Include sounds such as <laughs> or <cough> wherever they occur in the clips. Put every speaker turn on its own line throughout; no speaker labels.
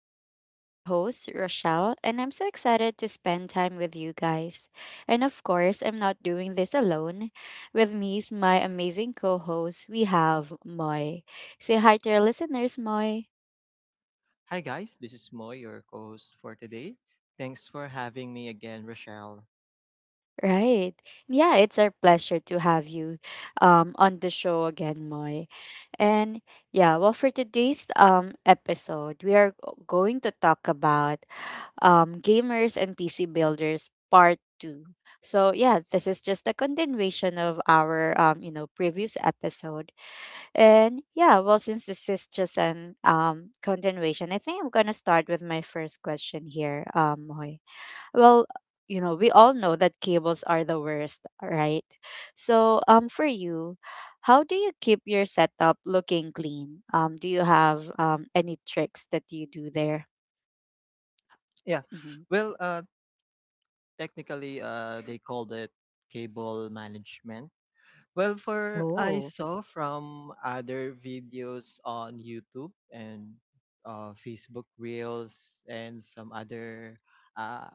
talks. I'm your host, Rochelle, and I'm so excited to spend time with you guys. And of course, I'm not doing this alone. With me is my amazing co host, we have Moy. Say hi to our listeners, Moy.
Hi, guys. This is Moy, your co host for today. Thanks for having me again, Rochelle.
Right. Yeah, it's our pleasure to have you on the show again, Moy. And yeah, well, for today's episode, we are going to talk about Gamers and PC Builders Part 2. So yeah, this is just a continuation of our previous episode. And yeah, well since this is just an continuation, I think I'm gonna start with my first question here, Hoy. Well, you know, we all know that cables are the worst, right? So for you, how do you keep your setup looking clean? Do you have any tricks that you do there?
Yeah.
hmm
Well, uh, technically, they called it cable management. Well, for I
Oh.
saw from other videos on YouTube and Facebook Reels and some other uh,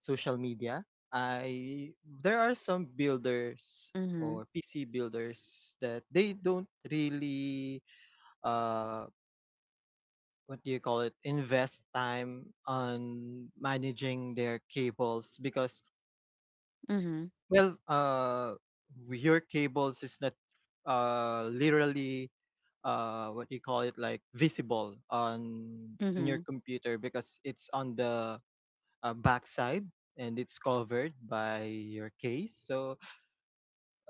social media, I there are some builders
Mhm,
or PC builders that they don't really uh what do you call it invest time on managing their cables because
mhm,
well uh your cables is not literally what do you call it like visible on your
mhm,
computer because it's on the backside and it's covered by your case. So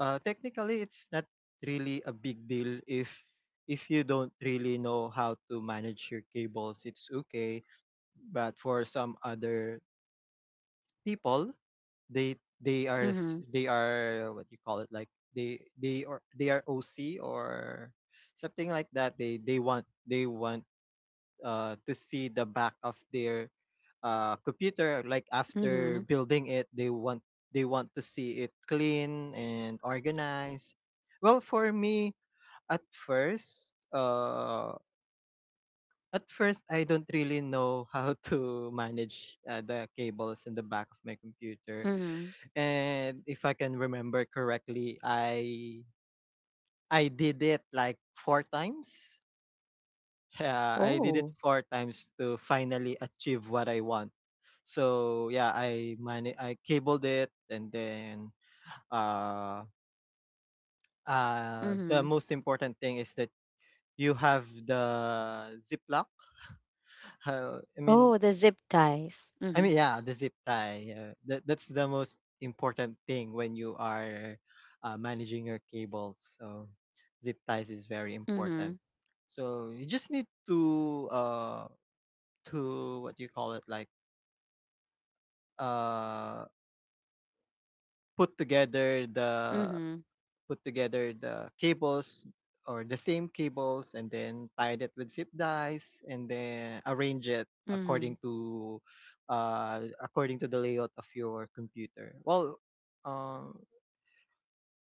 technically, it's not really a big deal. If you don't really know how to manage your cables, it's okay. But for some other people, they they are s-
mhm,
they are what you call it, like they are OC or something like that. They want, to see the back of their computer. Like after
mhm,
building it, they want to see it clean and organized. Well, for me, at first uh at first, I don't really know how <laughs> to manage the cables in the back of my computer.
mhm.
And if I can remember correctly, I did it like four times. Yeah, I did it
Oh,
four times to finally achieve what I want. So yeah, I cabled it, and then uh, the
mhm.
most important thing is that you have the ziplock. Uh, I mean,
Oh, the zip ties. Mhm,
yeah, the zip tie. Yeah. That's the most important thing when you are managing your cables. So zip ties is very important.
mhm,
So you just need to what do you call it like uh put together the
mhm,
put together the cables or the same cables and then tied it with zip ties and then arrange it according
mhm,
to according to the layout of your computer. Well, uh,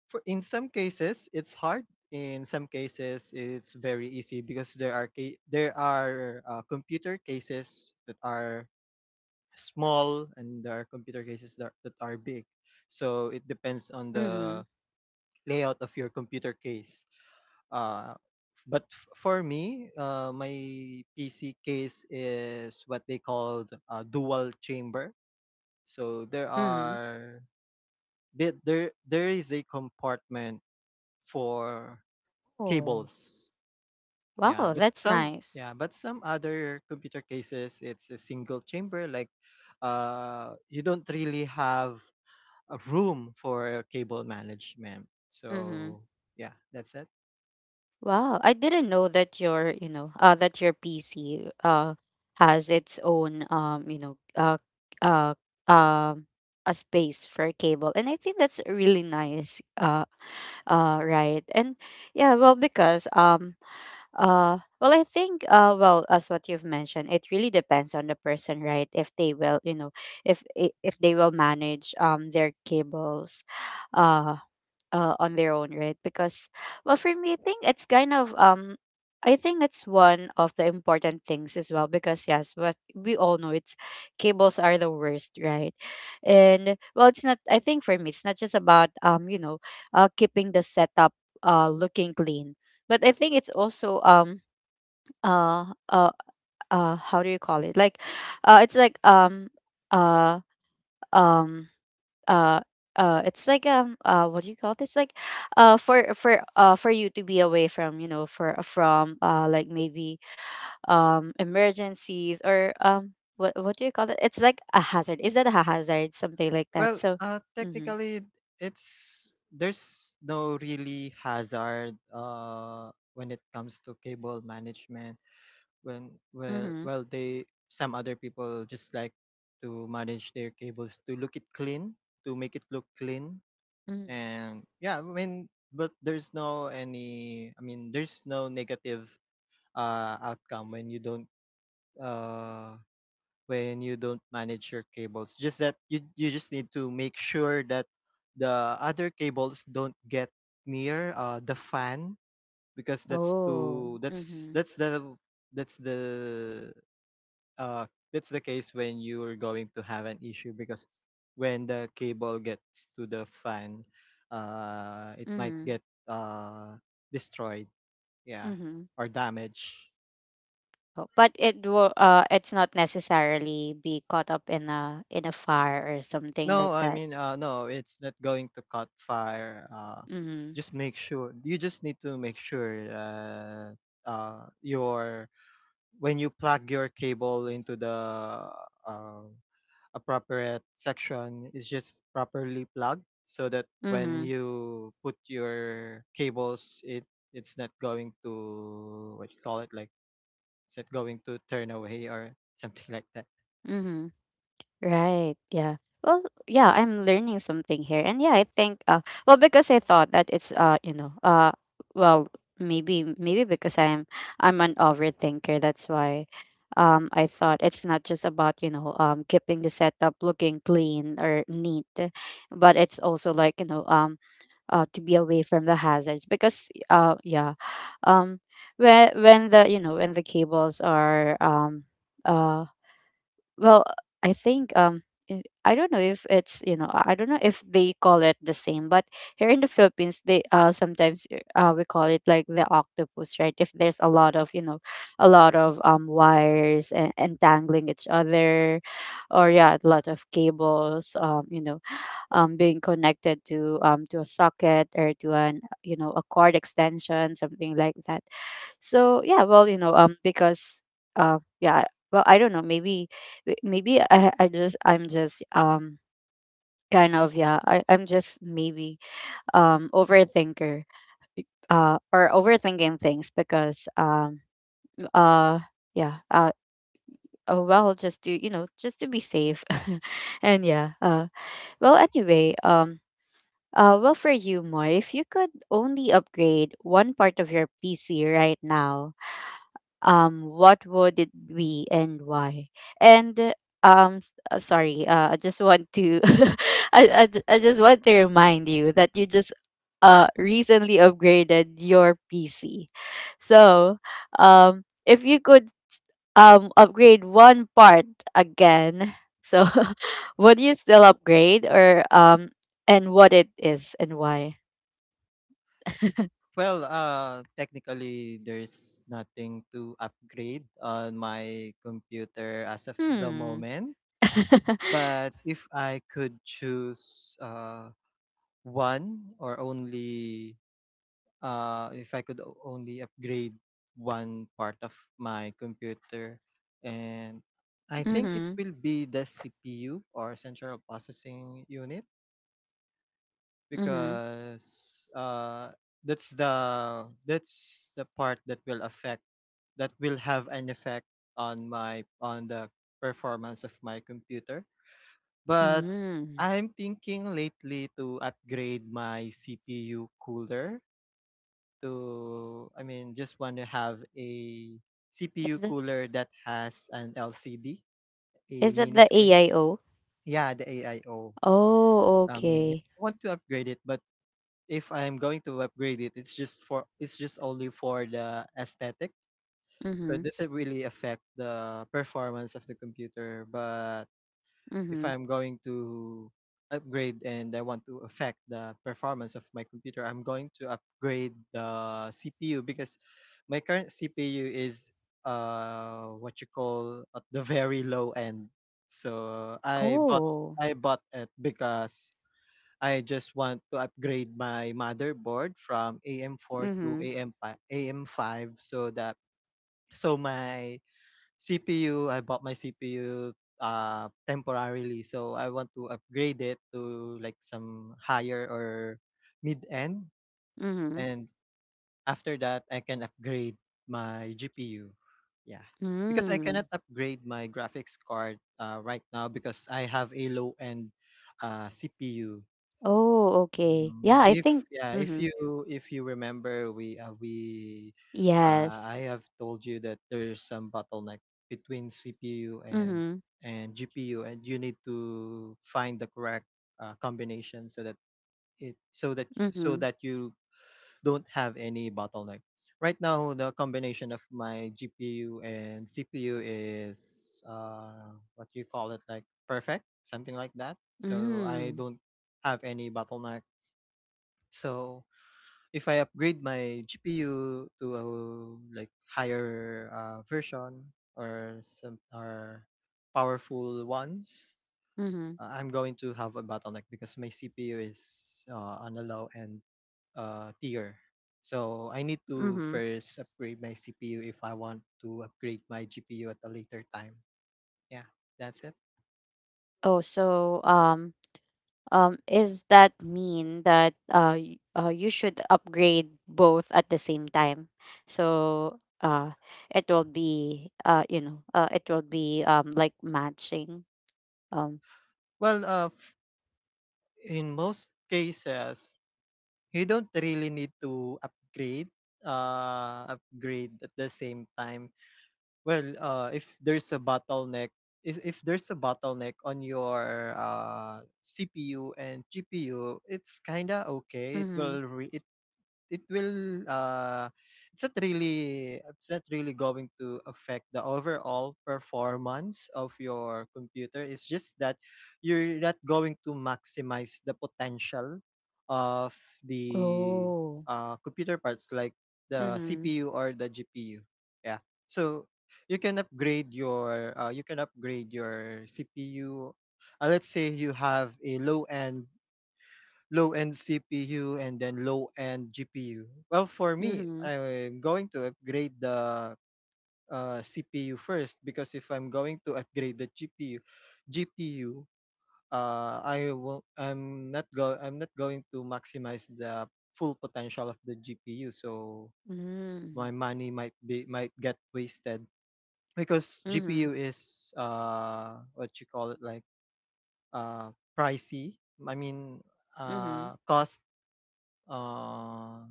in some cases it's hard. In some cases it's very easy because there are computer cases that are small and there are computer cases that are big. So it depends on the
mhm,
layout of your computer case. uh, but for me, my PC case is what they called a dual chamber. So there
mhm.
are there there, there is a compartment for
Oh,
cables.
wow, that's nice.
Yeah, but some other computer cases it's a single chamber. Like, you don't really have a room for cable management.
Mhm.
So yeah, that's it.
Wow, I didn't know that your, you know, that your PC has its own uh um a space for a cable. And I think that's really nice. Right. And yeah, well because well I think well as what you've mentioned, it really depends on the person, right? If they will, you know, if they will manage their cables. uh on their own, right? Because, well, for me, I think it's kind of I think it's one of the important things as well. Because yes, what we all know it's cables are the worst, right? And well, it's not. I think for me, it's not just about keeping the setup looking clean, but I think it's also uh uh how do you call it like it's like uh um uh it's like what do you call this like for you to be away from you know for from like maybe emergencies or what do you call it, it's like a hazard, is that a hazard, something like that, so mhm
Technically, it's there's no really hazard when it comes to cable management.
mhm
They some other people just like to manage their cables to look it clean, to make it look clean,
mhm
and yeah, I mean, but there's no any. I mean, there's no negative outcome uh, when you don't manage your cables. Just that you just need to make sure that the other cables don't get near the fan because
oh
that's the that's the uh that's the case when you're going to have an issue. Because when the cable gets to the fan, it might
mhm
get uh destroyed, yeah,
mhm
or damaged.
oh, but it will it's not necessarily be caught up in a fire or something
No,
like
I
that.
mean, no, it's not going to cut fire.
mhm
Just make sure You just need to make sure that your when you plug your cable into the uh, appropriate section is just properly plugged, so that when
mhm
you put your cables, it's not going to what you call it like it's not going to turn away or something like that.
mhm Right. Yeah. Well, yeah, I'm learning something here. And yeah, I think well because I thought that it's well, maybe because I'm an overthinker, that's why I thought it's not just about, you know, keeping the setup looking clean or neat, but it's also like, you know, to be away from the hazards because yeah. Um when the, you know, when the cables are uh well, I think I don't know if it's, you know, I don't know if they call it the same, but here in the Philippines they sometimes we call it like the octopus, right? If there's a lot of, you know, a lot of wires and entangling each other, or yeah, a lot of cables, you know, being connected to a socket or to an you know a cord extension, something like that. So yeah, well, you know, uh, yeah, I don't know, maybe, maybe I'm just, kind of, yeah, I'm just maybe, overthinker, or overthinking things because, uh, yeah, oh, well, just to, you know, just to be safe, <laughs> and yeah, anyway, well, for you, Moy, if you could only upgrade one part of your PC right now, what would it be and why, and sorry, I just want to <laughs> I just want to remind you that you just recently upgraded your pc, so if you could upgrade one part again, so <laughs> would you still upgrade? Or and what it is and why. <laughs>
Technically, there's nothing to upgrade on my computer as of the
hmm
moment.
<laughs>
But if I could choose one or only, if I could only upgrade one part of my computer, and I think it
mm-hmm.
will be the CPU or central processing unit
Mm-hmm.
because that's the that's the part that will affect that will have an effect on my on the performance of my computer. But
Mm-hmm.
I'm thinking lately to upgrade my CPU cooler. To I mean Just want to have a CPU cooler that has an LCD, a
Is that
mini
the
screen.
AIO?
Yeah, the AIO.
Oh,
I O. Yeah,
okay.
I want to upgrade it, but if I'm going to upgrade it, it's just only for the aesthetic. So
Mm-hmm.
it doesn't really affect the performance of the computer. But if
Mm-hmm.
I'm going to upgrade and I want to affect the performance of my computer, I'm going to upgrade the CPU because my current CPU is what you call at the very low end. So
Oh.
I bought it because I just want to upgrade my motherboard from AM4 to
Mm-hmm.
AM5, AM5 so that my CPU, I bought my CPU temporarily, so I want to upgrade it to like some higher or mid-end,
Mm-hmm.
and after that I can upgrade my GPU. Yeah. Because I cannot
Mm.
upgrade my graphics card right now because I have a low-end, CPU.
Oh, okay.
Mm,
Yeah, I
if
think
if
mm-hmm.
you if you remember, we
Yes.
I have told you that there's some bottleneck between CPU and
Mm-hmm.
GPU, and you need to find the correct combination so that so
Mm-hmm.
that you don't have any bottleneck. Right now, the combination of my GPU and CPU is what you call it, like perfect, something like that. So I
Mm.
don't have any bottleneck. So if I upgrade my GPU to a like higher version or some or powerful ones,
Mm-hmm.
I'm going to have a bottleneck because my CPU is on a low end tier. So I need to
Mm-hmm.
first upgrade my CPU if I want to upgrade my GPU at a later time. Yeah, that's it.
Oh, so is that mean that you should upgrade both at the same time? So it will be it will be like matching. um
Well, in most cases, you don't really need to upgrade at the same time. Well, if there's a bottleneck, if there's a bottleneck on your CPU and GPU, it's kinda okay.
Mhm.
It will it's not really going to affect the overall performance of your computer. It's just that you're not going to maximize the potential of the
Oh.
computer parts like the
Mhm.
CPU or the GPU. Yeah. So you can upgrade your CPU. Let's say you have a low-end CPU and then low-end GPU. Well, for me,
Mhm.
I'm going to upgrade the CPU first because if I'm going to upgrade the GPU, I will. I'm not go. I'm not going to maximize the full potential of the GPU. So my
Mhm.
money might get wasted because GPU
Mhm.
is what you call it like uh pricey. I mean
Mhm.
Cost uh.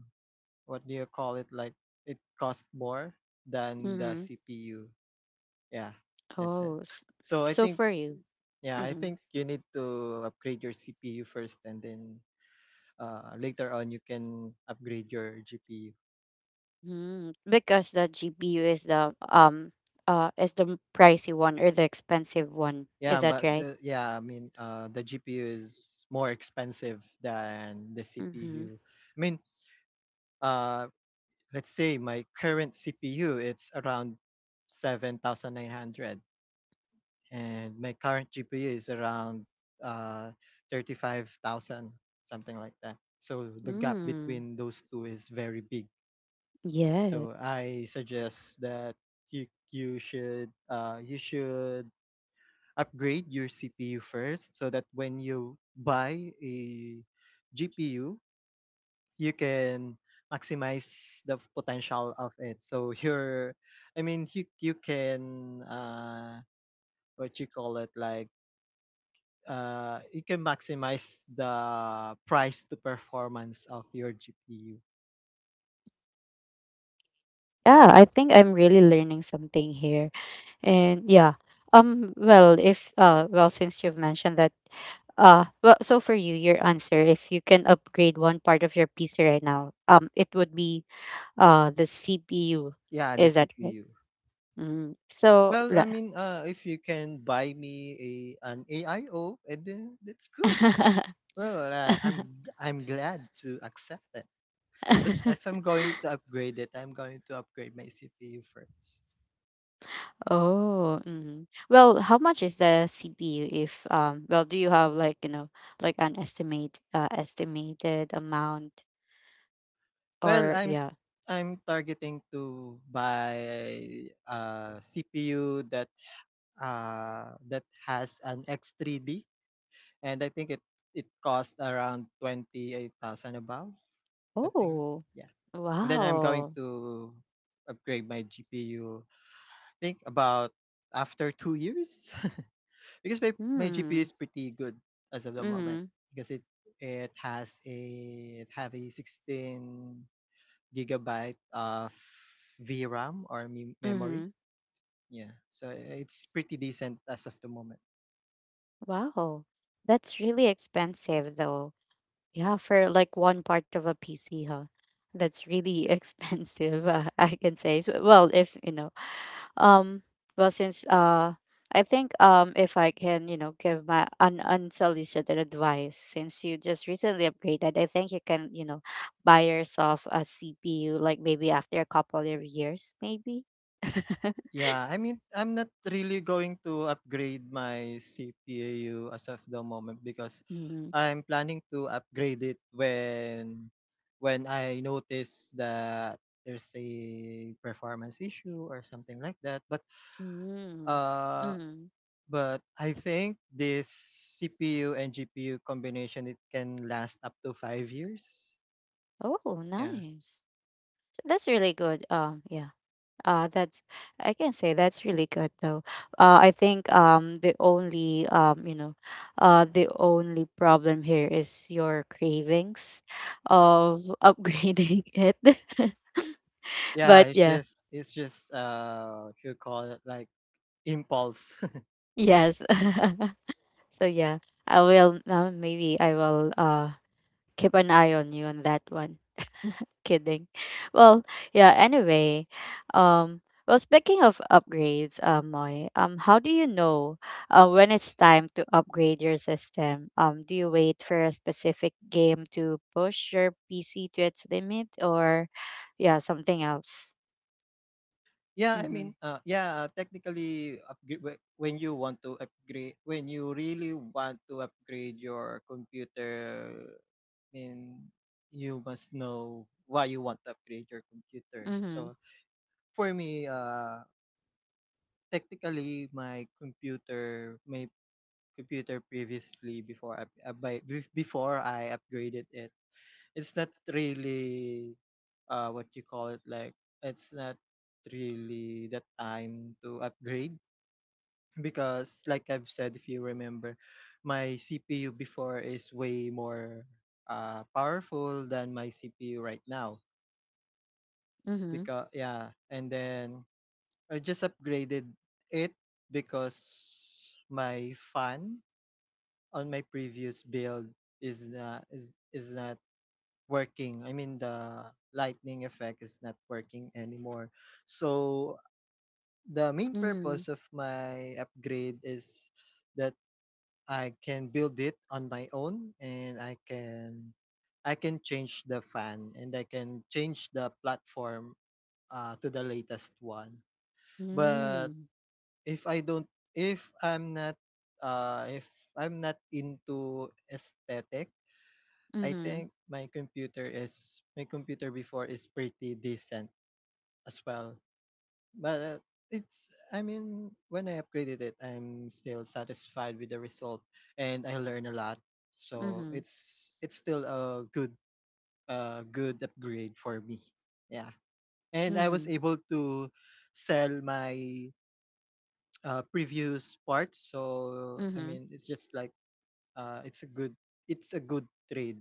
what do you call it? Like it cost more than the
Mhm.
CPU. Yeah, that's
Oh.
it. So I
So
think
for you.
yeah, I
Mhm.
think you need to upgrade your CPU first, and then later on you can upgrade your GPU.
Mm. Because the GPU is the pricey one or the expensive one. Is
Yeah,
that
but
right?
the yeah, I mean The GPU is more expensive than the
Mhm.
CPU. I mean, uh, let's say my current CPU it's around 7,900, and my current GPU is around uh, 35,000, something like that. So the gap
Mm.
between those two is very big. So
Yes.
I suggest that you should upgrade your CPU first, so that when you buy a GPU, you can maximize the potential of it. So your, I mean, you can what you call it like you can maximize the price to performance of your GPU.
Yeah, I think I'm really learning something here. And yeah, well, if well, since you've mentioned that, well, so for you, your answer, if you can upgrade one part of your PC right now, it would be the CPU.
Yeah, the
Is that right?
CPU.
Mm, so
Well, I
la-
mean, if you can buy me a an AIO, and then that's good.
<laughs>
Well, I'm glad to accept that. But if I'm going to upgrade it, I'm going to upgrade my CPU first.
Oh, mm. Well, how much is the CPU if well, do you have like, you know, like an estimate, estimated amount,
Well,
or yeah.
I'm targeting to buy a CPU that that has an X3D. And I think it cost around 28,000 above, something like.
Oh.
Yeah. And then I'm going
Wow.
to upgrade my GPU, think about after 2 years, <laughs> because my GPU
Hmm.
is pretty good as of the moment,
Mm-hmm.
because it has a it have a 16 gigabyte of VRAM or memory.
Mm-hmm.
Yeah, so it's pretty decent as of the moment.
Wow. That's really expensive though. Yeah, for like one part of a PC, huh? That's really <laughs> expensive, I can say. So, well, if, you know, um, well, since I think if I can, you know, give my un unsolicited advice, since you just recently upgraded, I think you can, you know, buy yourself a CPU like maybe after a couple of years, maybe. <laughs>
Yeah, I mean, I'm not really going to upgrade my CPU as of the moment because
Mhm.
I'm planning to upgrade it when I notice that there's a performance issue or something like that.
Mm.
Uh
Mm.
but I think this CPU and GPU combination it can last up to 5 years.
Oh,
Yeah.
nice. That's really good. Yeah. That's I can say that's really good though. I think the only the only problem here is your cravings of upgrading <laughs> it. <laughs>
Yeah,
But yeah,
it's just you call it like impulse.
yes. <laughs> So yeah, I will maybe I will keep an eye on you on that one. Kidding. Well, yeah, anyway, um well, speaking of upgrades, Moy, how do you know when it's time to upgrade your system? Do you wait for a specific game to push your PC to its limit, or yeah, something else?
Yeah, I
Mhm.
mean, technically, when you want to upgrade, when you really want to upgrade your computer, I mean, you must know why you want to upgrade your computer.
Mhm.
So for me, technically, my computer previously before I before I upgraded it, it's not really, what you call it like, it's not really the time to upgrade. Because like I've said, if you remember, my CPU before is way more powerful than my CPU right now.
Mhm.
Because yeah, and then I just upgraded it because my fan on my previous build is not working. I mean the lightning effect is not working anymore. So the main
Mhm.
purpose of my upgrade is I can build it on my own and I can change the fan and I can change the platform to the latest one. But if I don't if I'm not if I'm not into aesthetic, I
Mhm.
think my computer before is pretty decent as well. But it's I mean, when I upgraded it, I'm still satisfied with the result and I learn a lot. So
Mhm.
it's still a good upgrade for me. Yeah. And I was
Mhm.
able to sell my previous parts. So I
Mhm.
mean, it's just like uh it's a good it's a good trade.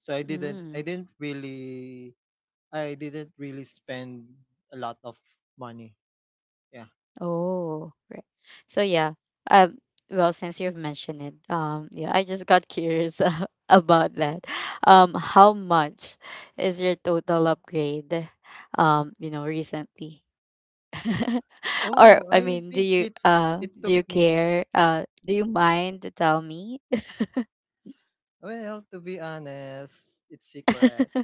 So
Mhm. Mhm.
I didn't really spend a lot of money. Yeah.
Oh, right. So yeah, um, since you've mentioned it, yeah, I just got curious <laughs> about that. How much is your total upgrade? You know, recently, <laughs> or
Oh,
I
I
mean,
think it
do
took
you
me,
care? Do you mind to tell me?
well, to be honest, it's secret. <laughs>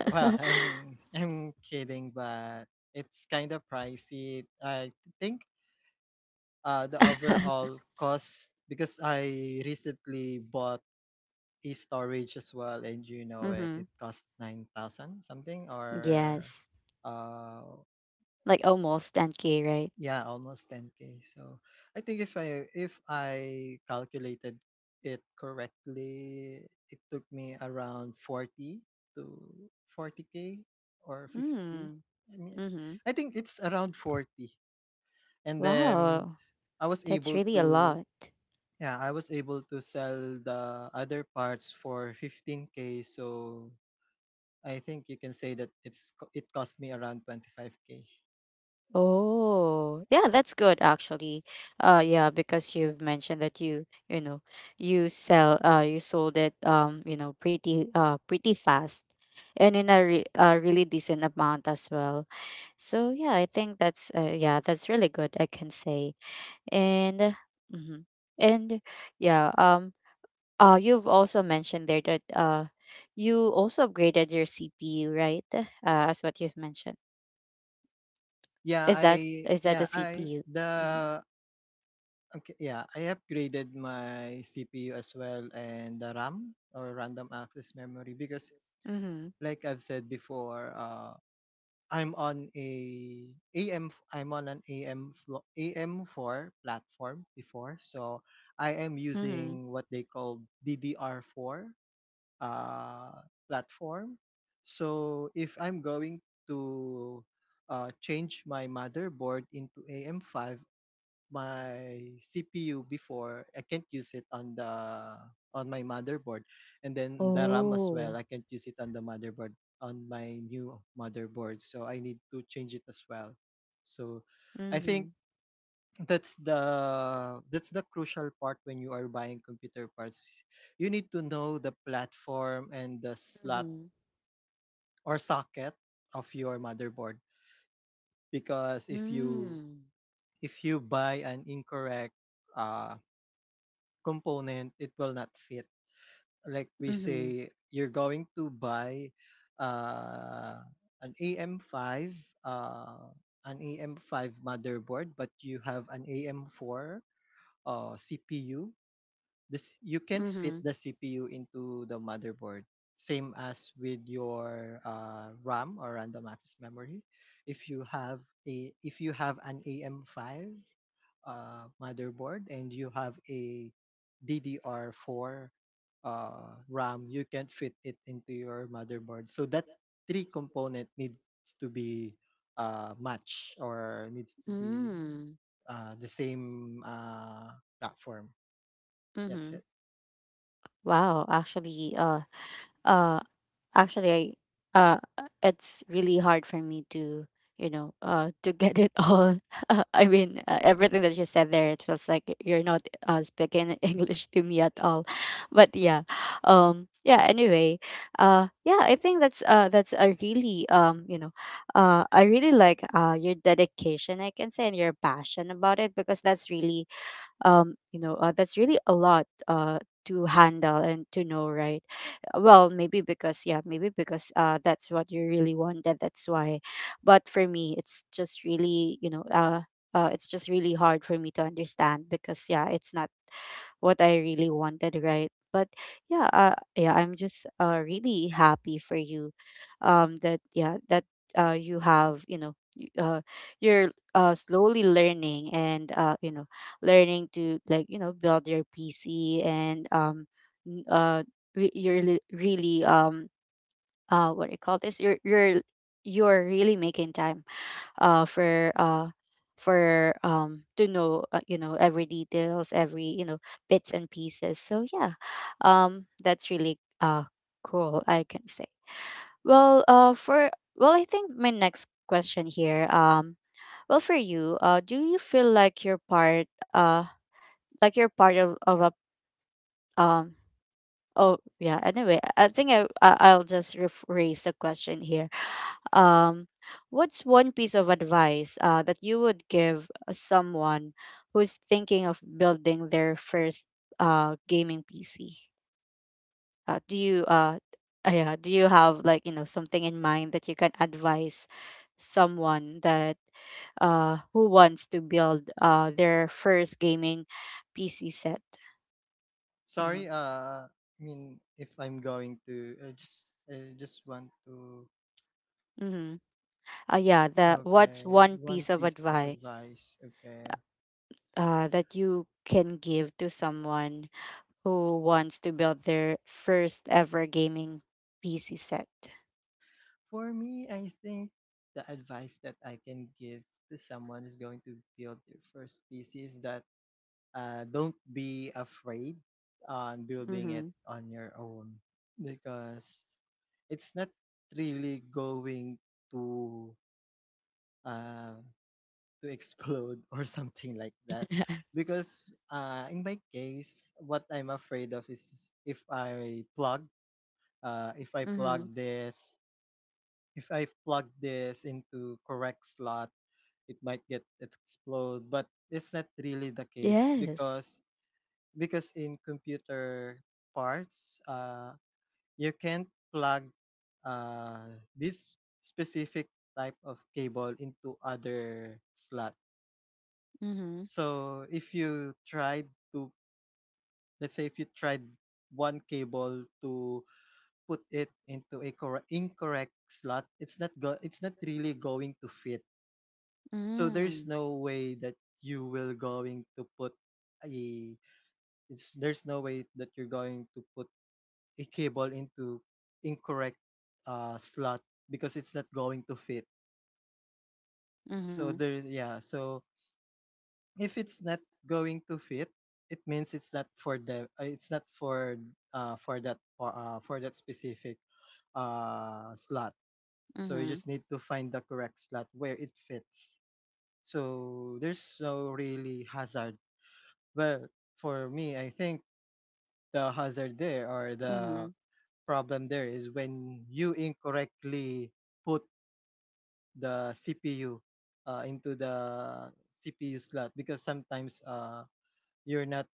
Well, I'm kidding, but it's kind of pricey. I think the overall cost because I recently bought a storage as well, and
Mm-hmm.
it cost 9,000 something or
Yes,
uh
like almost 10K, right?
Yeah, almost 10K. So I think if I calculated it correctly, it took me around 40 to 40K or 50.
Hmm.
I mean,
Mm-hmm.
I think it's around 40. And then
Wow,
I was
that's
able
really a
to
lot.
yeah, I was able to sell the other parts for 15K. So I think you can say that it cost me around 25K.
Oh, yeah, that's good actually. Yeah, because you've mentioned that you know, you sell you sold it, you know, pretty pretty fast and in a, a really decent amount as well. So yeah, I think that's yeah, that's really good I can say. And mm-hmm. And yeah, you've also mentioned there that you also upgraded your CPU, right? As what you've mentioned. Is that the
Yeah, I
CPU?
the okay, yeah, I upgraded my CPU as well and the RAM or random access memory because
Mhm,
like I've said before, I'm on a I'm on an AM4 platform before. So I am
mhm.
using what they call DDR4 uh platform. So if I'm going to change my motherboard into AM5, my CPU before, I can't use it on my motherboard, and then the RAM as well.
Oh.
I can't use it on my new motherboard, so I need to change it as well. So, I think
Mhm,
that's the crucial part when you are buying computer parts. You need to know the platform and the slot
mhm.
or socket of your motherboard because
Mm.
if you buy an incorrect uh component, it will not fit. Like we
Mhm,
say, you're going to buy uh, an AM5, uh, an AM5 motherboard, but you have an AM4 CPU. This you can't fit
mhm.
the CPU into the motherboard. Same as with your RAM or random access memory. If you have an AM5 motherboard and you have a DDR4 RAM, you can't fit it into your motherboard. So that three component needs to be matched or needs to be
Mm.
the same platform. That's
Mhm.
it.
Wow, actually, uh actually, I, uh, it's really hard for me to, you know, to <laughs> get it all. <laughs> I mean, everything that you said there, it feels like you're not speaking <laughs> English to me at all. But yeah, yeah. Anyway, yeah. I think that's a really I really like your dedication, I can say, and your passion about it, because that's really that's really a lot to handle and to know, right? Well, maybe because yeah, maybe because that's what you really wanted, that's why. But for me, it's just really, you know, it's just really hard for me to understand because yeah, it's not what I really wanted, right? But yeah, yeah, I'm just really happy for you, that yeah, that you have, you know, you're slowly learning and you know, learning to like, you know, build your PC and n- uh, you're really what do you call this? You're you're really making time uh for uh for to know, you know, every details, every, you know, bits and pieces, so yeah, that's really cool, I can say. Well, I think my next question here, well, for you, do you feel like you're part of a um Oh yeah. Anyway, I think I'll just rephrase the question here. Um, what's one piece of advice that you would give someone who's thinking of building their first gaming PC? Uh, do you uh, yeah, do you have like something in mind that you can advise someone that who wants to build their first gaming PC set?
Sorry, I mean if I'm going to, I just want to.
Mm-hmm. Yeah, the what's
Okay,
one
one
piece of
piece of
advice
advice. Okay,
that you can give to someone who wants to build their first ever gaming PC set?
for me, I think the advice that I can give to someone who's going to build their first PC is that don't be afraid on building it
Mm-hmm.
on your own because it's not really going to uh, to explode <laughs> or something like that.
<laughs>
Because in my case, what I'm afraid of is uh, if I
Mm-hmm.
plug this if I plug this into correct slot. It might get explode but it's not really the case
Yes.
because in computer parts, you can't plug, this specific type of cable into other slot.
Mm-hmm.
So if you tried to let's say if you tried one cable to put it into a correct incorrect slot, it's not really going to fit. So there's
Mm-hmm.
no way that you will going to put a there's no way that you're going to put a cable into incorrect slot because it's not going to fit. So there yeah, so if it's not going to fit, it means it's not for them, it's not for for that pa- for that specific slot. So you
Mm-hmm.
just need to find the correct slot where it fits. So there's no really hazard. Well, for me, I think the hazard there or
Mm-hmm.
the problem there is when you incorrectly put the CPU, into the CPU slot because sometimes, you're not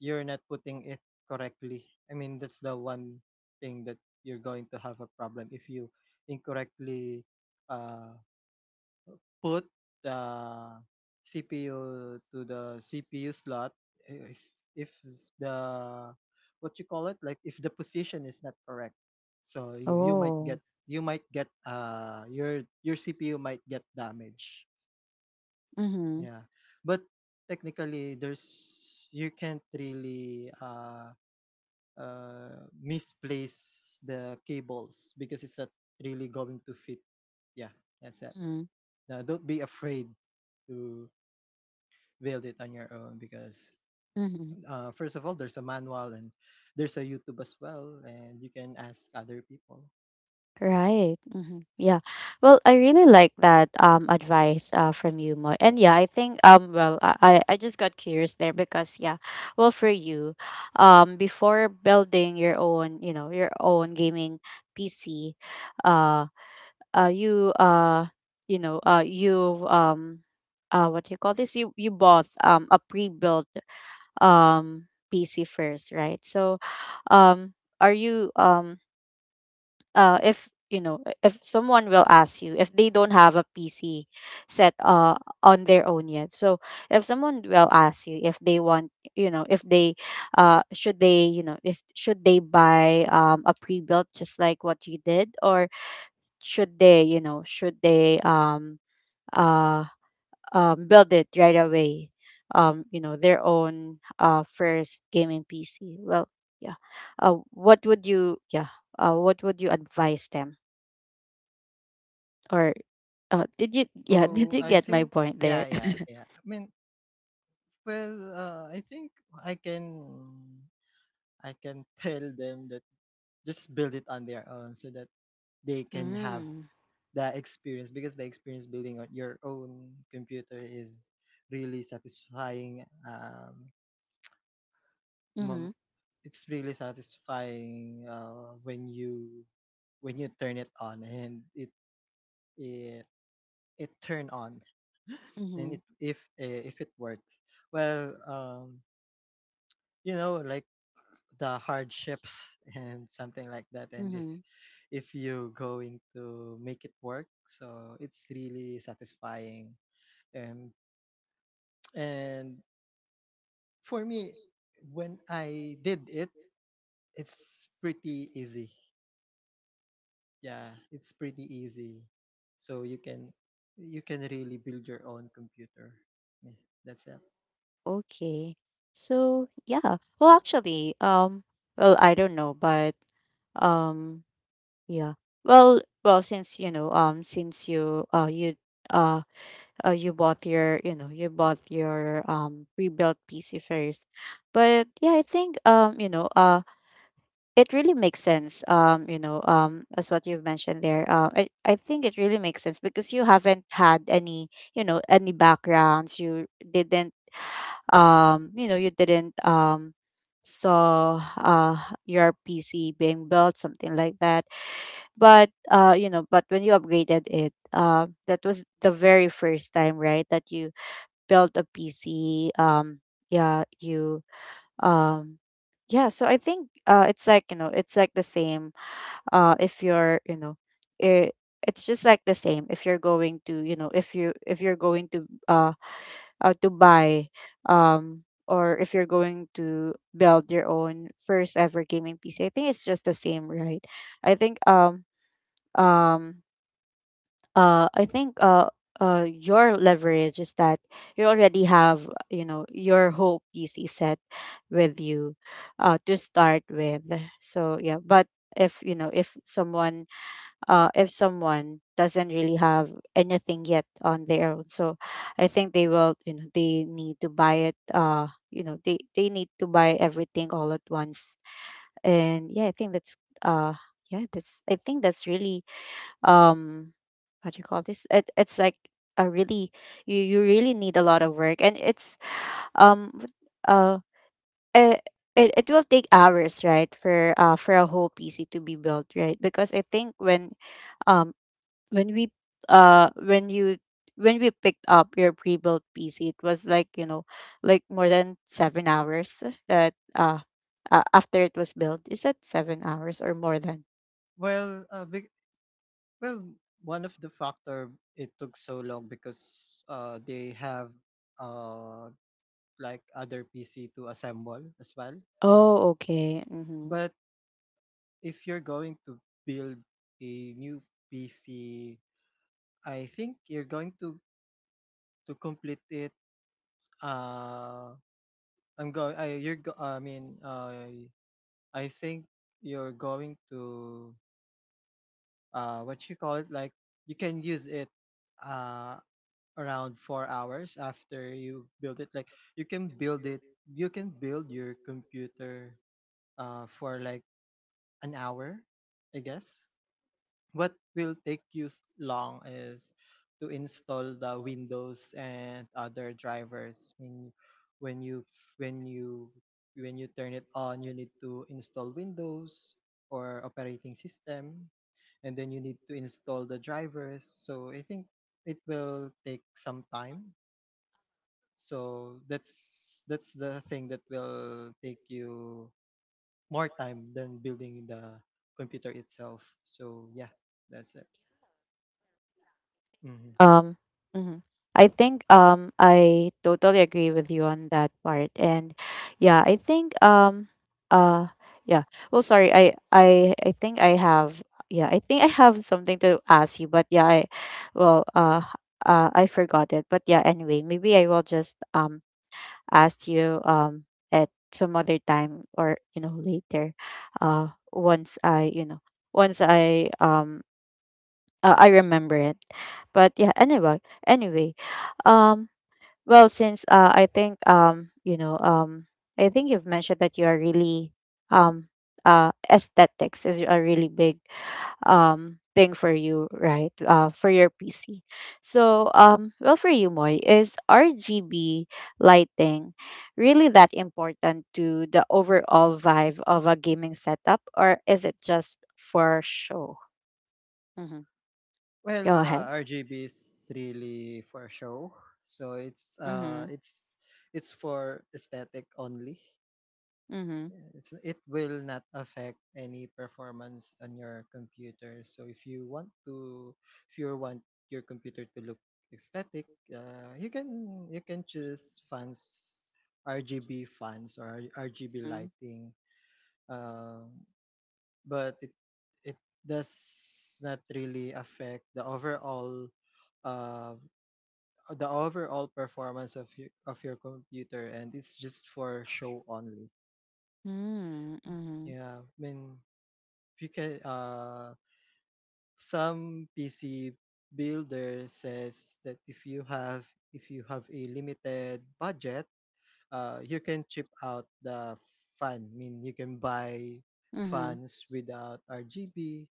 you're not putting it correctly. I mean, that's the one thing that you're going to have a problem if you incorrectly uh, put the CPU to the CPU slot, if if the what you call it like if the position is not correct. So you might get,
Oh.
your CPU might get damaged,
Mm-hmm.
yeah. But technically there's you can't really misplace the cables because it's not really going to fit. Yeah, that's it. Don't be afraid to build it on your own because,
Mm-hmm.
first of all, there's a manual and there's a YouTube as well, and you can ask other people.
Right. Yeah. Well, I really like that advice from you, Moy. And yeah, I think well I just got curious there because yeah, well for you, before building your own your own gaming PC, uh, you you know you what do you call this, you bought a pre-built PC first, right? Um. Are you if if someone will ask you if they don't have a pc set on their own yet, so if someone will ask you if they want if they should they if should they buy a pre-built just like what you did, or should they should they uh build it right away, their own first gaming pc? Yeah uh what would you yeah what would you advise them? Or Did you? Yeah, <laughs> did
Oh,
you
I
get my
think
point
yeah,
there?
yeah,
<laughs>
yeah, I mean, well, I think i can I can <laughs> tell them that just build it on their own so that they can have
Mm.
that experience because the experience building on your own computer is really satisfying.
Mm-hmm.
Mom, it's really satisfying when you turn it on and it it turn on <laughs>
Mm-hmm.
and it if eh, if it works well. Like the hardships <laughs> and something like that, and
Mm-hmm.
if you're going to make it work, so it's really satisfying. um and for me when I did it, it's pretty easy. Yeah, it's pretty easy. So you can really build your own computer. Yeah, that's it.
Okay. So yeah. Well, I don't know, but um yeah. Well, since since uh, you bought your, you bought your pre-built PC first. But yeah, I think it really makes sense as what you've mentioned there. I think it really makes sense because you haven't had any any backgrounds, you didn't you didn't saw your pc being built, something like that. But but when you upgraded it, that was the very first time, right, that you built a pc. Yeah you um yeah, so I think it's like it's like the same. If you're you know it, It's just like the same if you're going to, if you, if you're going to buy or if you're going to build your own first ever gaming PC, I think it's just the same, right? I think um um I think your leverage is that you already have your whole PC set with you to start with. So yeah, but if if someone, if someone doesn't really have anything yet on their own. So I think they will, you know, they need to buy it. You know, they need to buy everything all at once. And yeah, I think that's, uh, yeah, that's, I think that's really um, what do you call this? It's like a really, you really need a lot of work, and it's um, what- uh, it it will take hours, right, for a whole pc to be built, right? Because I think um when we when you when we picked up your pre-built PC, it was like, you know, like more than 7 hours that after it was built. Is that 7 hours or more than?
Well, well, one of the factor it took so long because, they have, uh, like other PC to assemble as well.
Oh, okay. Mm-hmm.
But if you're going to build a new PC, I think you're going to complete it. Uh, I'm going. I you're. Go- I mean, I think you're going to what you call it like you can use it uh around 4 hours after you build it. Like you can build it you can build your computer for like an hour, I guess. What will take you long is to install the Windows and other drivers. When when you when you when you turn it on, you need to install Windows or operating system, and then you need to install the drivers, so I think it will take some time. So that's the thing that will take you more time than building the computer itself. So yeah, that's it. Mhm.
Um, mhm. I think I totally agree with you on that part, and yeah, I think uh yeah. Well, sorry, I think I have, yeah, I think I have something to ask you, but yeah, well uh I forgot it, but yeah, anyway, maybe I will just ask you at some other time or you know later, once I you know once I remember it. But yeah, anyway, anyway, um, well, since I think I think you've mentioned that you are really um, aesthetics is a really big thing for you, right? For your PC. So well, for you, Moy, is RGB lighting really that important to the overall vibe of a gaming setup, or is it just for show? hmm Go
Well,
ahead.
RGB is really for show. So
Mm-hmm.
it's for aesthetic only.
Mhm,
Yeah, it will not affect any performance on your computer. So if you want your computer to look aesthetic, you can choose fans RGB fans or RGB
mm.
lighting. Um but it does not really affect uh the overall performance of your computer, and it's just for show only.
Mm, mhm,
Yeah, I mean, you can some PC builder says that if you have a limited budget, you can chip out the fan. I mean, you can buy
mhm.
fans without RGB,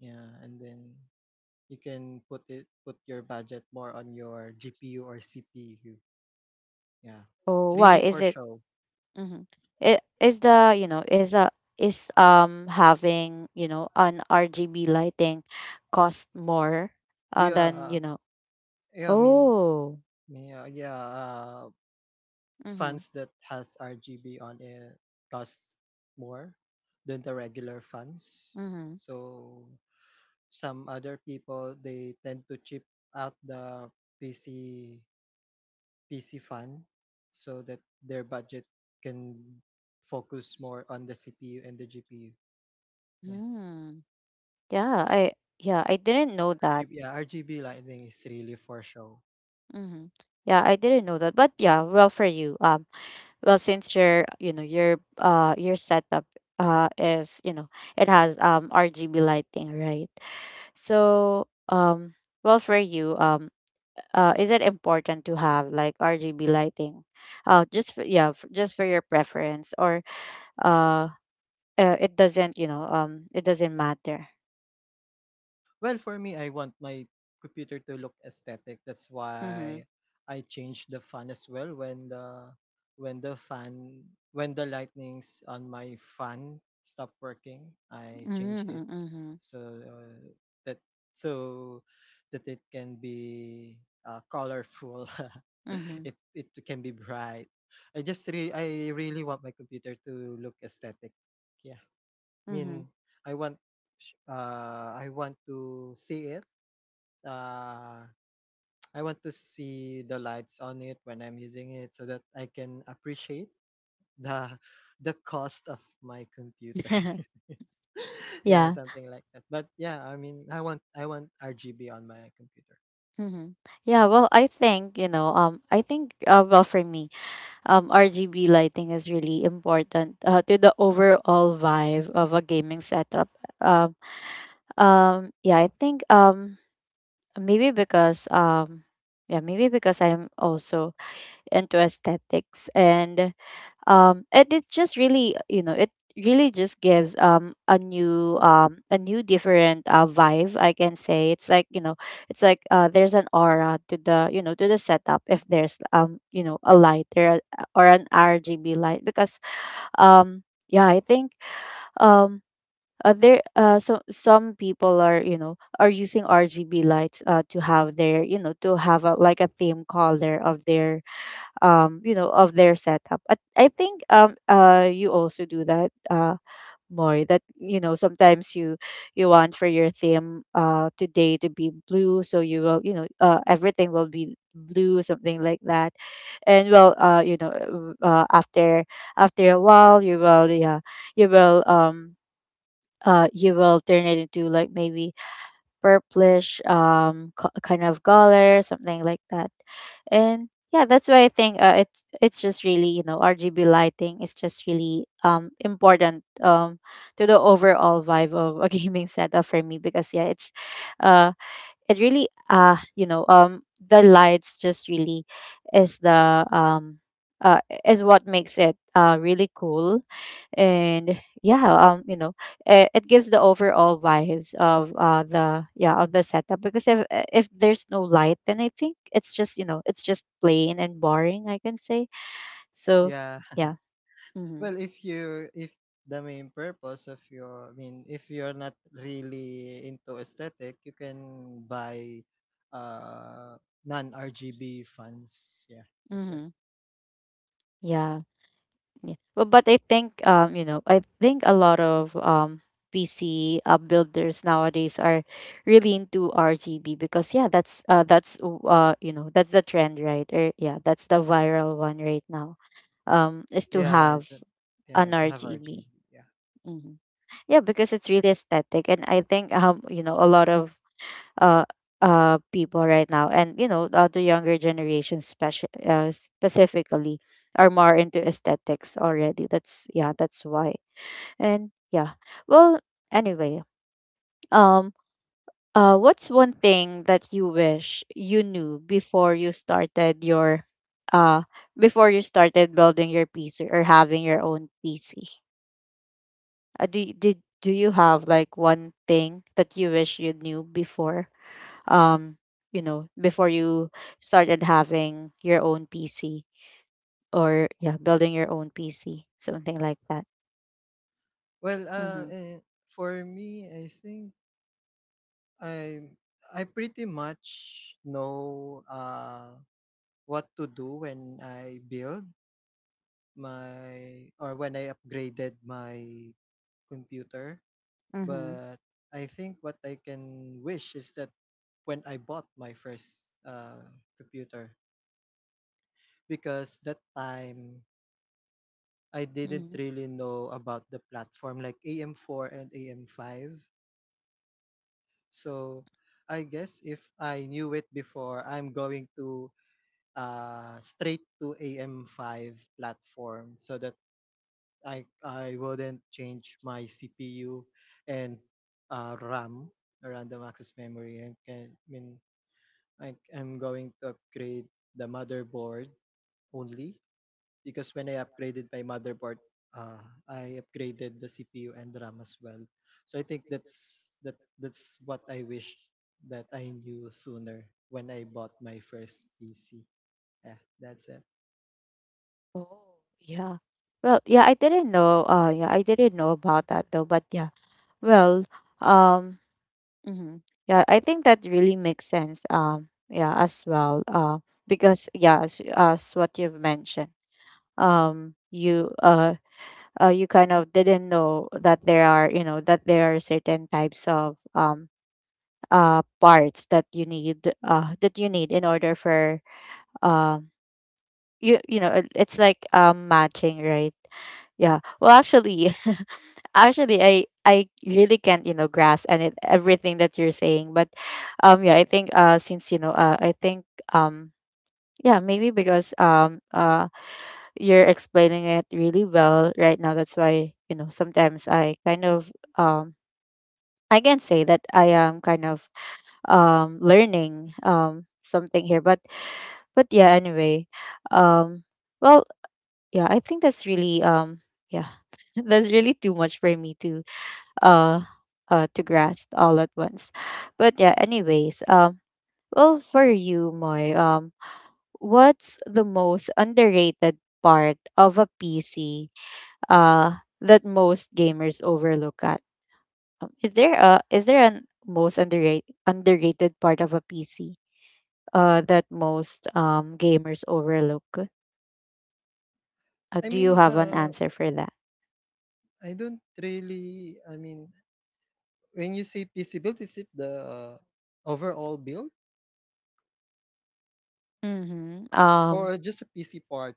yeah. And then you can put your budget more on your GPU or CPU. Yeah, it's
Oh,
really
why is
for
it?
show.
Mhm. Is the, you know, is the, is having, you know, an RGB lighting cost more than
Yeah,
you know?
yeah. I mean,
Oh,
yeah, yeah.
Mhm,
Fans that has RGB on it cost more than the regular fans.
mhm.
So some other people they tend to chip out the PC PC fan so that their budget can focus more on the CPU and the GPU. Yeah.
Mm, yeah, I yeah, I didn't know that.
Yeah, RGB lighting is really for show.
Mhm. Yeah, I didn't know that. But yeah, well for you. Well, since your, your setup is, you know, it has RGB lighting, right? So well for you is it important to have like RGB lighting? Uh, just for, yeah, just for your preference, or uh, it doesn't, you know, it doesn't matter.
Well, for me, I want my computer to look aesthetic. That's
Mhm.
why I changed the fan as well. When the when the fan when the lightnings on my fan stop working, I change it
Mhm. Mhm.
so uh, that so that it can be, colorful. <laughs>
Mhm.
It can be bright. I really want my computer to look aesthetic. Yeah.
Mhm.
Mean, I want I want to see it. Uh <tsk> I want to see the lights on it when I'm using it so that I can appreciate the <laughs> the cost of my computer.
<laughs>
<laughs> Yeah,
yeah.
something like that. But yeah, I mean, I want RGB on my computer.
Mhm. Yeah, well, I think, you know, I think well for me RGB lighting is really important to the overall vibe of a gaming setup. Um, yeah, I think maybe because yeah, maybe because I'm also into aesthetics, and it just really, you know, it really just gives a new different vibe, I can say. It's like, you know, it's like there's an aura to the, you know, to the setup if there's you know a light, or an rgb light, because um yeah I think um there so some people are, you know, are using rgb lights to have their, you know, to have a, like a theme color of their you know of their setup. I think you also do that more, that you know sometimes you, you want for your theme today to be blue, so you will, you know, everything will be blue, something like that. And well you know after, after a while you will, yeah, you will um you will turn it into like maybe purplish kind of color, something like that. And yeah, that's why I think it's just really, you know, RGB lighting is just really important to the overall vibe of a <laughs> gaming setup for me because yeah, uh it really you know the lights just really is the um uh is what makes it really cool. And yeah, you know it gives the overall vibes of the, yeah, of the setup because if there's no light, then I think it's just, you know, it's just plain and boring, I can say. So
Yeah.
yeah, mm-hmm.
Well, if the main purpose of your if you're not really into aesthetic, you can buy non-RGB fans. Yeah, that's it.
Mm-hmm. yeah Yeah. But I think, you know, I think a lot of PC builders nowadays are really into RGB because yeah that's you know that's the trend, right, or yeah that's the viral one right now is to
Yeah,
have
it's a-
an
yeah, to have
RGB.
RGB. Yeah.
Mhm. Yeah, because it's really aesthetic, and I think you know a lot of uh people right now, and you know the younger generation specifically are more into aesthetics already, that's, yeah, that's why. And yeah, well, anyway, um what's one thing that you wish you knew before you started your uh before you started building your PC or having your own PC? Do, y- did do you have like one thing that you wish you knew before um you know before you started having your own pc, or yeah building your own pc, something like that?
Well,
Mm-hmm.
for me, I think I I pretty much know what to do when I build my, or when I upgraded my computer.
Mm-hmm.
But I think what I can wish is that when I bought my first uh, computer, because that time I didn't
Mm-hmm.
really know about the platform like AM4 and AM5. So I guess if I knew it before, I'm going to straight to AM5 platform so that I wouldn't change my CPU and RAM, random access memory, and can, I mean, like I'm going to upgrade the motherboard only, because when I upgraded my motherboard, I upgraded the CPU and RAM as well. So I think that that's what I wish that I knew sooner when I bought my first PC. Yeah, that's it.
oh yeah well yeah I didn't know yeah I didn't know about that though. But yeah, well um mm-hmm. yeah I think that really makes sense, yeah, as well because yeah, as what you've mentioned, you you kind of didn't know that there are, you know, that there are certain types of parts that you need, that you need in order for um you know it's like matching, right? Yeah well actually <laughs> actually I really can't, you know, grasp and it, everything that you're saying, but yeah I think since you know I think um yeah maybe because you're explaining it really well right now. That's why, you know, sometimes I kind of um I can say that I am kind of learning something here. But yeah, anyway. Um well, yeah, I think that's really yeah. <laughs> That's really too much for me uh to grasp all at once. But yeah, anyways, um well for you, Moy, what's the most underrated part of a PC that most gamers overlook at. Is there a is there an most underrated part of a PC that most gamers overlook?
I
Do you
mean,
have an answer for that?
I don't really. I mean, when you say PC build, is it the overall build
Mm-hmm.
or just a PC part?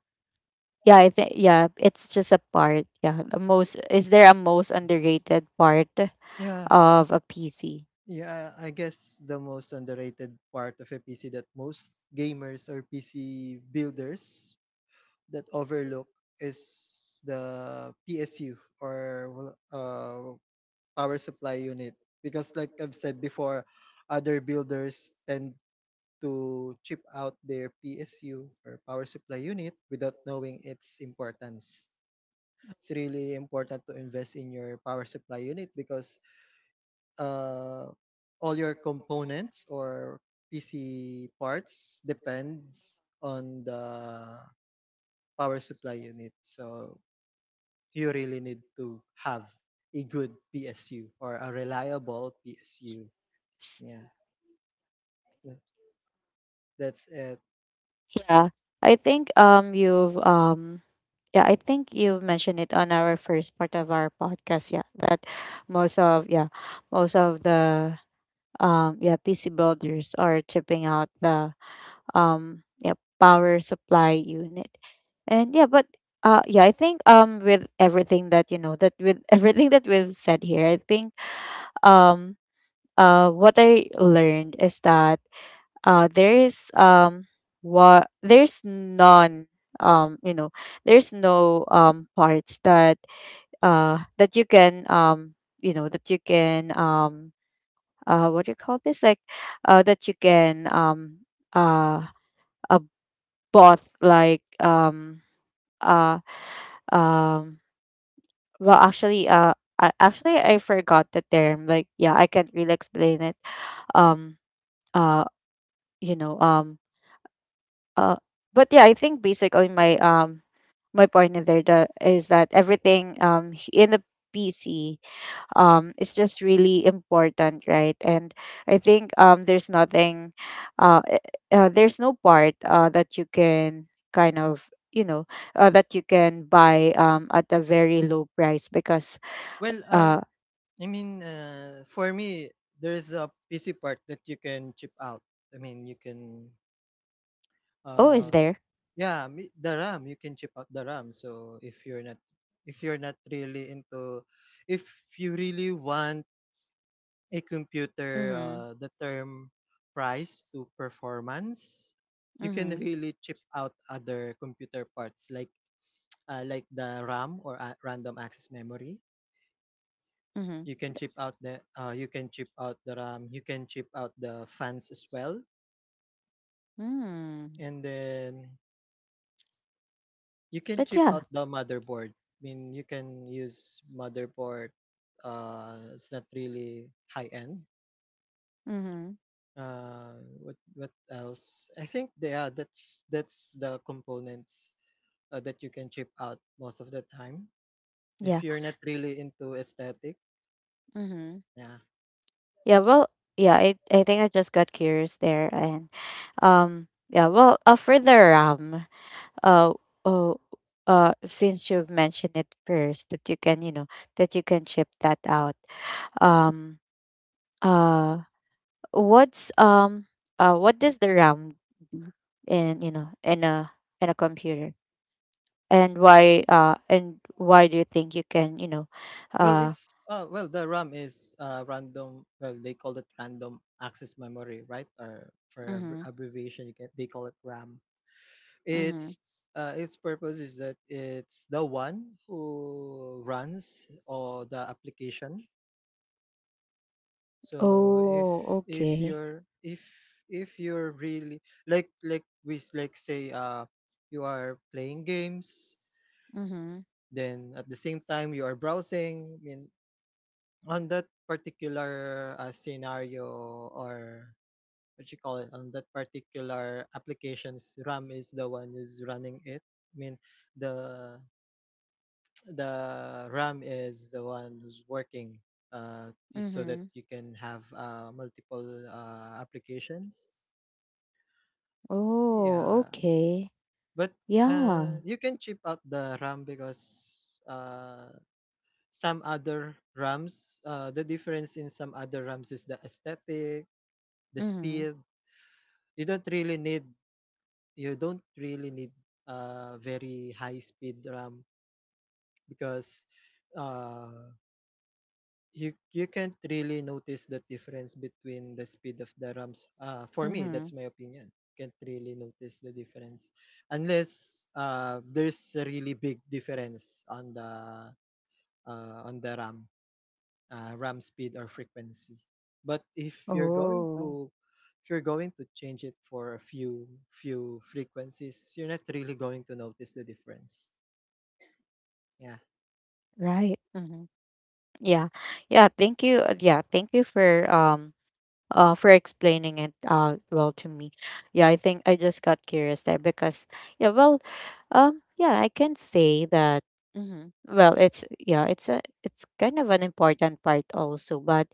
Yeah, I think. Yeah, it's just a part. Yeah. The most. Is there a most underrated part
Yeah.
of a PC?
Yeah, I guess the most underrated part of a PC that most gamers or PC builders that overlook is the PSU, or well, power supply unit, because like I've said before, other builders tend to chip out their PSU or power supply unit without knowing its importance. It's really important to invest in your power supply unit, because uh, all your components or PC parts depends on the power supply unit. So you really need to have a good PSU or a reliable PSU. Yeah, that, that's it.
Yeah, I think. You've. Yeah, I think you've mentioned it on our first part of our podcast, yeah, that most of, yeah, most of the, yeah, PC builders are chipping out the, yeah, power supply unit. And yeah, but yeah, I think, with everything that you know, that with <laughs> everything that we've said here, I think um what I learned is that there is, what, there's none, you know, there's no parts that that you can, you know, that you can, uh, what do you call this, like, that you can, uh a bot like uh um well actually, actually I forgot the term, like, yeah, I can't really explain it, um uh you know, uh but yeah, I think basically my my point in there is that everything in the PC is just really important, right? And I think, there's nothing, uh, eh, there's no part that you can kind of, you know, that you can buy, at a very low price because,
Well,
uh,
I mean, for me, there's a PC part that you can chip out. I mean, you can
oh, is
uh,
there?
yeah, me the RAM, you can chip out the RAM. So if you're not really into, if you really want a computer,
Mm-hmm.
the term price to performance, you can
Mm-hmm.
really chip out other computer parts like the RAM, or random access memory.
Mm-hmm.
You can chip out the you can chip out the RAM, you can chip out the fans as well.
Mm.
And then you can
But
chip
yeah.
out the motherboard. I mean, you can use motherboard. It's not really high end.
Mm-hmm.
What what else? I think they are. That's the components that you can chip out most of the time. If
Yeah.
you're not really into aesthetic,
Mm-hmm.
yeah.
Yeah. Well, yeah, I think I just got curious there. And, yeah, well, for the RAM, uh, oh, since you've mentioned it first that you can, you know, that you can ship that out. Um, uh, what's um, what does the RAM do in, you know, in a, in a computer, and why, and why do you think you can, you know,
Well,
uh,
it's well the RAM is random. Well, they call it random access memory, right? Or for
mm-hmm,
abbreviation, you can, they call it RAM.
mm-hmm.
Its its purpose is that it's the one who runs all the application. So
Oh,
if
okay.
you're if if you're really, like like say, you are playing games,
Mm-hmm,
then at the same time you are browsing. I mean, on that particular scenario, or what you call it, on that particular applications, RAM is the one who's running it. I mean, the the RAM is the one who's working, so that
mm-hmm.
you can have multiple applications.
Oh,
Yeah,
okay.
but
Yeah.
you can chip out the RAM because some other RAMs, the difference in some other RAMs is the aesthetic, the
Mm-hmm,
speed. You don't really need you don't really need a very high speed RAM because uh, you you can't really notice the difference between the speed of the RAMs. For me,
mm-hmm.
that's my opinion. Can't really notice the difference unless there's a really big difference on the RAM RAM speed or frequency. But
Oh,
if you're going to change it for a few frequencies, you're not really going to notice the difference. Yeah.
right. Mm-hmm. Yeah. Yeah, thank you. Yeah, thank you for explaining it well to me. Yeah, I think I just got curious there because, yeah, well, yeah, I can say that, mhm, well, it's, yeah, it's a, it's kind of an important part also, but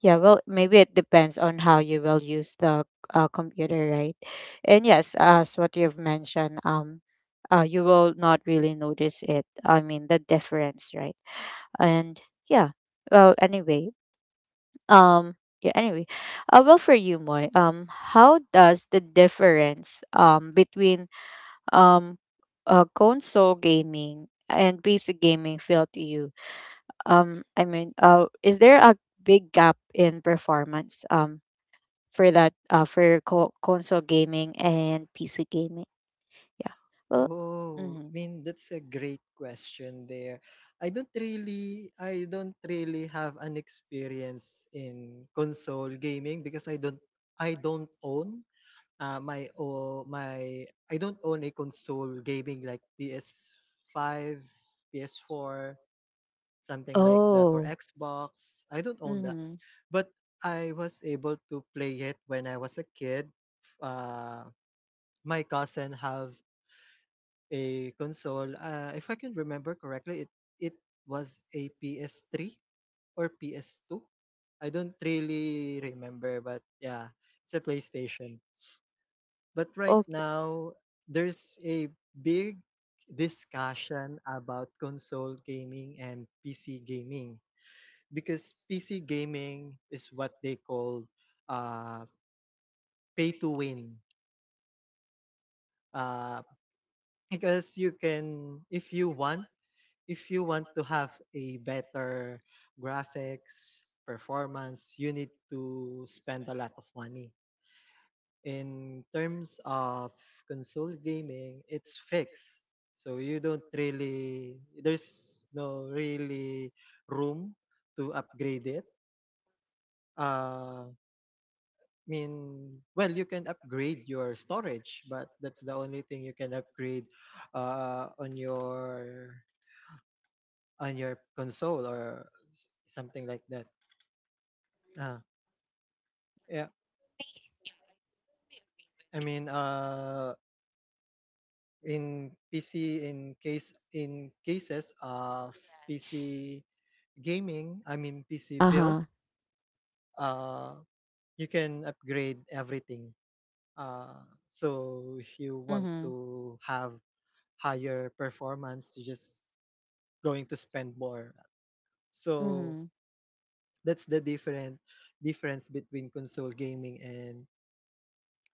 yeah, well, maybe it depends on how you will use the computer, right? And yes, as what you've mentioned, you will not really notice it. I mean, the difference, right? And yeah, well, anyway, um yeah anyway well, for you, Moy, how does the difference between um console gaming and PC gaming feel to you, I mean, is there a big gap in performance for that, console gaming and PC gaming? Yeah, well,
Oh, I
mm-hmm.
mean, that's a great question there. I don't really have an experience in console gaming because I don't own my oh, my I don't own a console gaming like PS5, PS4, something like that, or
Oh,
Xbox. I don't own that.
mm-hmm.
But I was able to play it when I was a kid. Uh, my cousin have a console. If I can remember correctly, it was a PS3 or PS2. I don't really remember, but yeah, it's a PlayStation. But right
Okay.
now, there's a big discussion about console gaming and PC gaming, because PC gaming is what they call uh, pay to win. Uh, because you can, if you want to have a better graphics performance, you need to spend a lot of money. In terms of console gaming, it's fixed. So you don't really, there's no really room to upgrade it. Uh, I mean, well, you can upgrade your storage, but that's the only thing you can upgrade uh on your on your console, or something like that. Ah, yeah. I mean, in PC, in cases of
Yes.
PC gaming, I mean PC
Uh
build,
huh.
uh, you can upgrade everything. Uh, so if you want
Mm-hmm.
to have higher performance, you're just going to spend more. So
Mm-hmm.
that's the different difference between console gaming and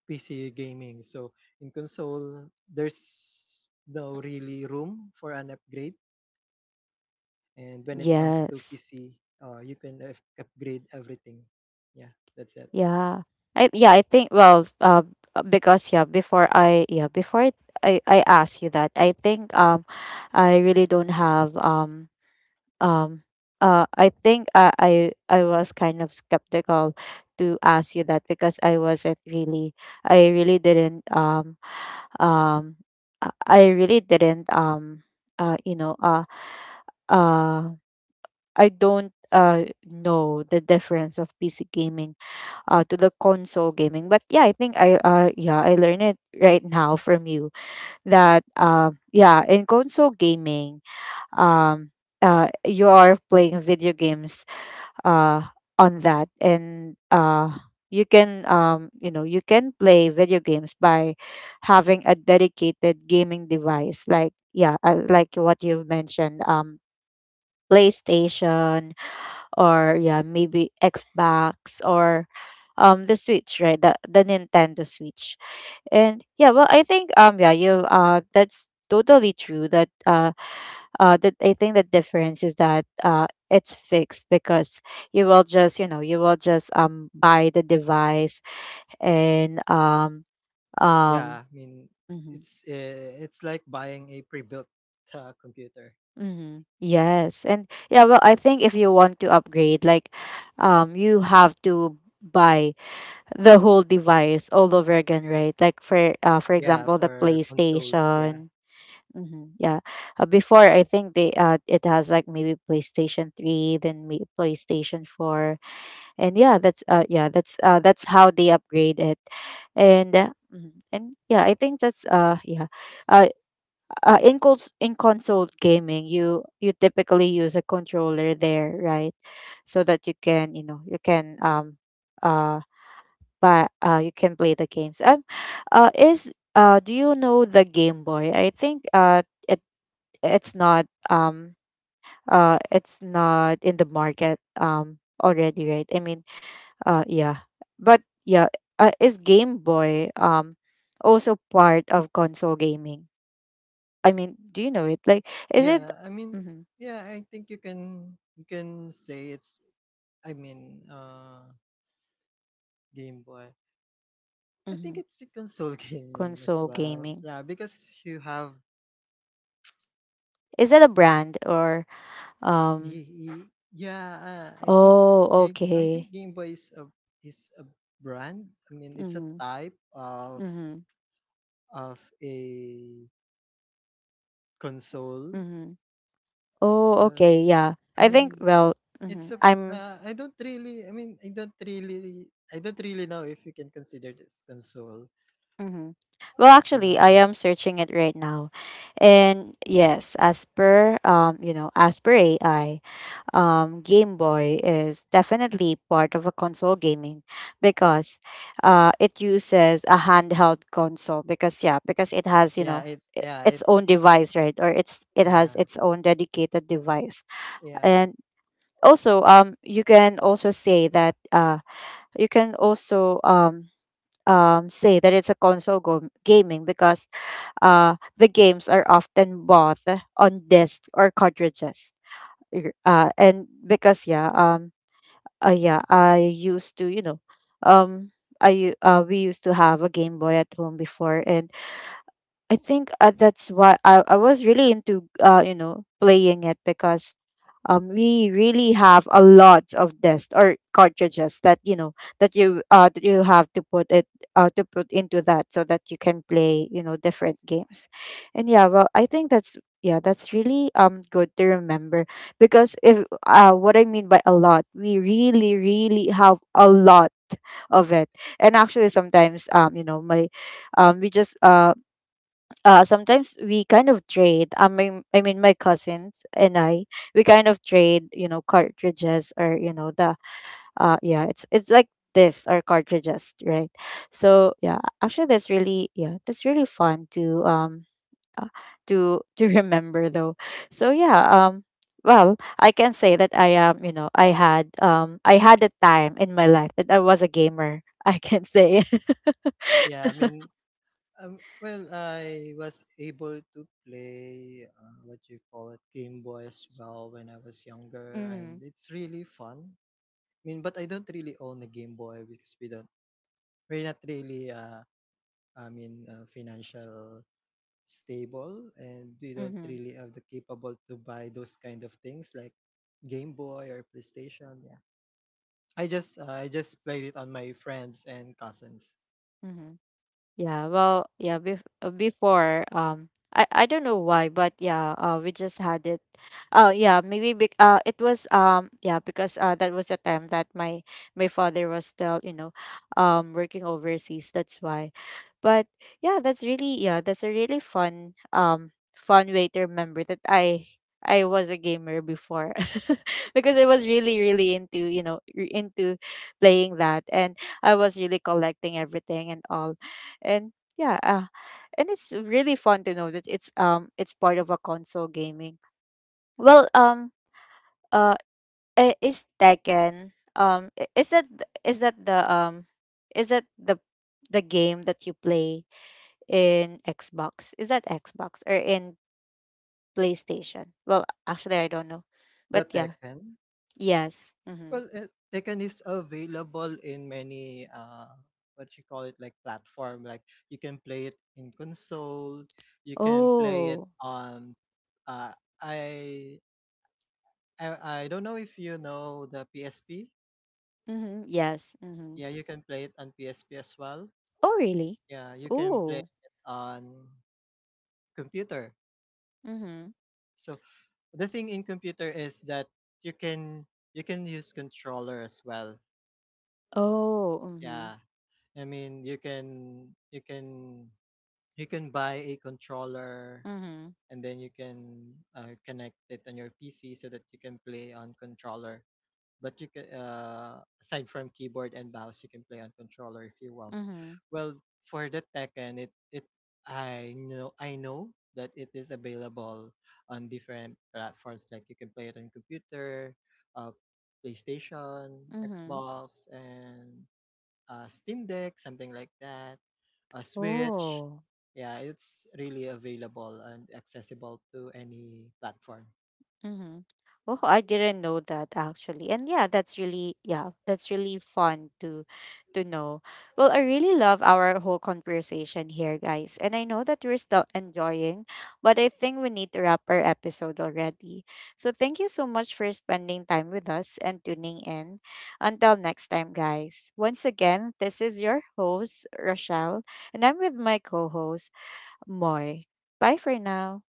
PC gaming. So in console, there's no really room for an upgrade. And when it comes to
Yes.
PC, you can upgrade everything. Yeah, that's it.
Yeah. I think, well, because, yeah, before I asked you that, I think, I really don't have, um I think I was kind of skeptical to ask you that because I wasn't really, I really didn't, um I really didn't, uh you know uh uh I don't know the difference of PC gaming to the console gaming. But yeah, I think I yeah, I learned it right now from you that, yeah, in console gaming, um you are playing video games uh on that, and you can, you know, you can play video games by having a dedicated gaming device like, yeah, like what you've mentioned, PlayStation, or yeah, maybe Xbox, or the Switch, right? The Nintendo Switch. And yeah, well, I think, yeah, you that's totally true that, that I think the difference is that it's fixed, because you will just, you know, you will just, buy the device and um
Yeah, I mean,
mhm,
it's like buying a pre-built computer.
mhm, yes. And yeah, well, I think if you want to upgrade, like, you have to buy the whole device all over again, right? Like for, for
Yeah,
example, the
for consoles. Yeah,
PlayStation. Hmm, yeah, before I think they, it has like maybe PlayStation Three, then maybe PlayStation Four, and yeah, that's, yeah, that's, that's how they upgrade it. And, mhm, and yeah, I think that's, yeah, uh, in console gaming, you typically use a controller there, right? So that you can, you know, you can, uh but, you can play the games. Is, do you know the Game Boy? I think, it, it's not, it's not in the market, already, right? I mean, uh, yeah, but yeah, is Game Boy, also part of console gaming? I mean, do you know it? Like, is it,
yeah. I mean,
mm-hmm,
yeah. I think you can, you can say it's, I mean, Game Boy. I think
mm-hmm,
it's a console <laughs> gaming as
console
well.
gaming?
Yeah, because you have,
Is that a brand or, um?
Ye- ye- yeah, I think,
Oh,
I
okay.
think Game Boy is a, is a brand. I mean, it's a
Mm-hmm,
type
mm-hmm,
of a console.
mm-hmm. Oh,
Uh,
okay, yeah.
I
I think,
mean,
well,
it's
mhm,
a,
I'm,
I don't really, I mean, I don't really, I don't really know if you can consider this console.
mhm. Well, actually, I
Uh,
am searching it right now. And yes, as per, you know, as per AI, Game Boy is definitely part of a console gaming, because it uses a handheld console because, yeah, because it has, you know,
Yeah,
its
it's,
own device, right? Or it's, it has
Yeah,
its own dedicated device.
yeah,
And also, you can also say that, you can also say that it's a console gaming because the games are often bought on discs or cartridges. And because, yeah, yeah, I used to, you know, um we used to have a Game Boy at home before, and I think, that's why I was really into, you know, playing it because, we really have a lot of discs or cartridges that, you know, that you have to put it, to put into that so that you can play, you know, different games. And yeah, well, I think that's, yeah, that's really, good to remember because if, what I mean by a lot, we really, really have a lot of it. And actually sometimes, you know, my we just sometimes we kind of trade, I mean, my cousins and I, we kind of trade, you know, cartridges, or you know, the, yeah, it's like this or cartridges, right? So yeah, actually that's really, yeah, that's really fun to, uh, to <laughs> to remember though. So yeah, well, I can say that I am, you know, I had a time in my life that I was a gamer. <laughs> I can say.
yeah. I mean, well, I was able to play what you call it Game Boy as well when I was
<laughs>
younger, and
Mm-hmm,
it's really fun. I mean, but I don't really own a Game Boy because we're not really I mean financial stable, and we don't
mm-hmm,
really have the capable to buy those kind of things like Game Boy or PlayStation. Yeah, I just played it on my friends and cousins.
mm-hmm. Yeah, well, yeah, before, I don't know why, but yeah, we just had it. Oh, yeah, maybe it was, yeah, because, that was the time that my father was still, you know, working overseas, that's why. But yeah, that's really, yeah, that's a really fun, fun way to remember that I was a gamer before. <laughs> Because I was really, really into, you know, into playing that, and I was really collecting everything and all. And yeah, and it's really fun to know that it's, it's part of a console gaming. Well, uh I- is Tekken, is that is that the, is that the game that you play in Xbox? Is that Xbox or in PlayStation? Well actually I don't know,
The
but yeah,
Tekken.
yes, mm-hmm.
Well, Tekken is available in many what you call it like platform. Like you can play it in console, you can play it
Oh,
on uh I I don't know if you know the PSP.
mm-hmm. Yes, mm-hmm.
Yeah, you can play it on PSP as well.
Oh, really.
Yeah, you can play
Oh,
it on computer.
mm-hmm.
So the thing in computer is that you can you can use controller as well.
Oh, mm-hmm.
Yeah. I mean, you can buy a controller,
Mm-hmm.
and then you can connect it on your PC so that you can play on controller. But you can, aside from keyboard and mouse, you can play on controller if you want.
Mm-hmm.
Well, for the Tekken, it I know, I know that it is available on different platforms. Like you can play it on computer, uh, PlayStation,
Mhm.
Xbox, and Steam Deck, something like that, a Switch.
Oh.
Yeah, it's really available and accessible to any platform.
Mhm. Oh, I didn't know that actually. And yeah, that's really, yeah, that's really fun to know. Well, I really love our whole conversation here, guys. And I know that we're still enjoying, but I think we need to wrap our episode already. So thank you so much for spending time with us and tuning in. Until next time, guys. Once again, this is your host, Rochelle, and I'm with my co-host, Moy. Bye for now.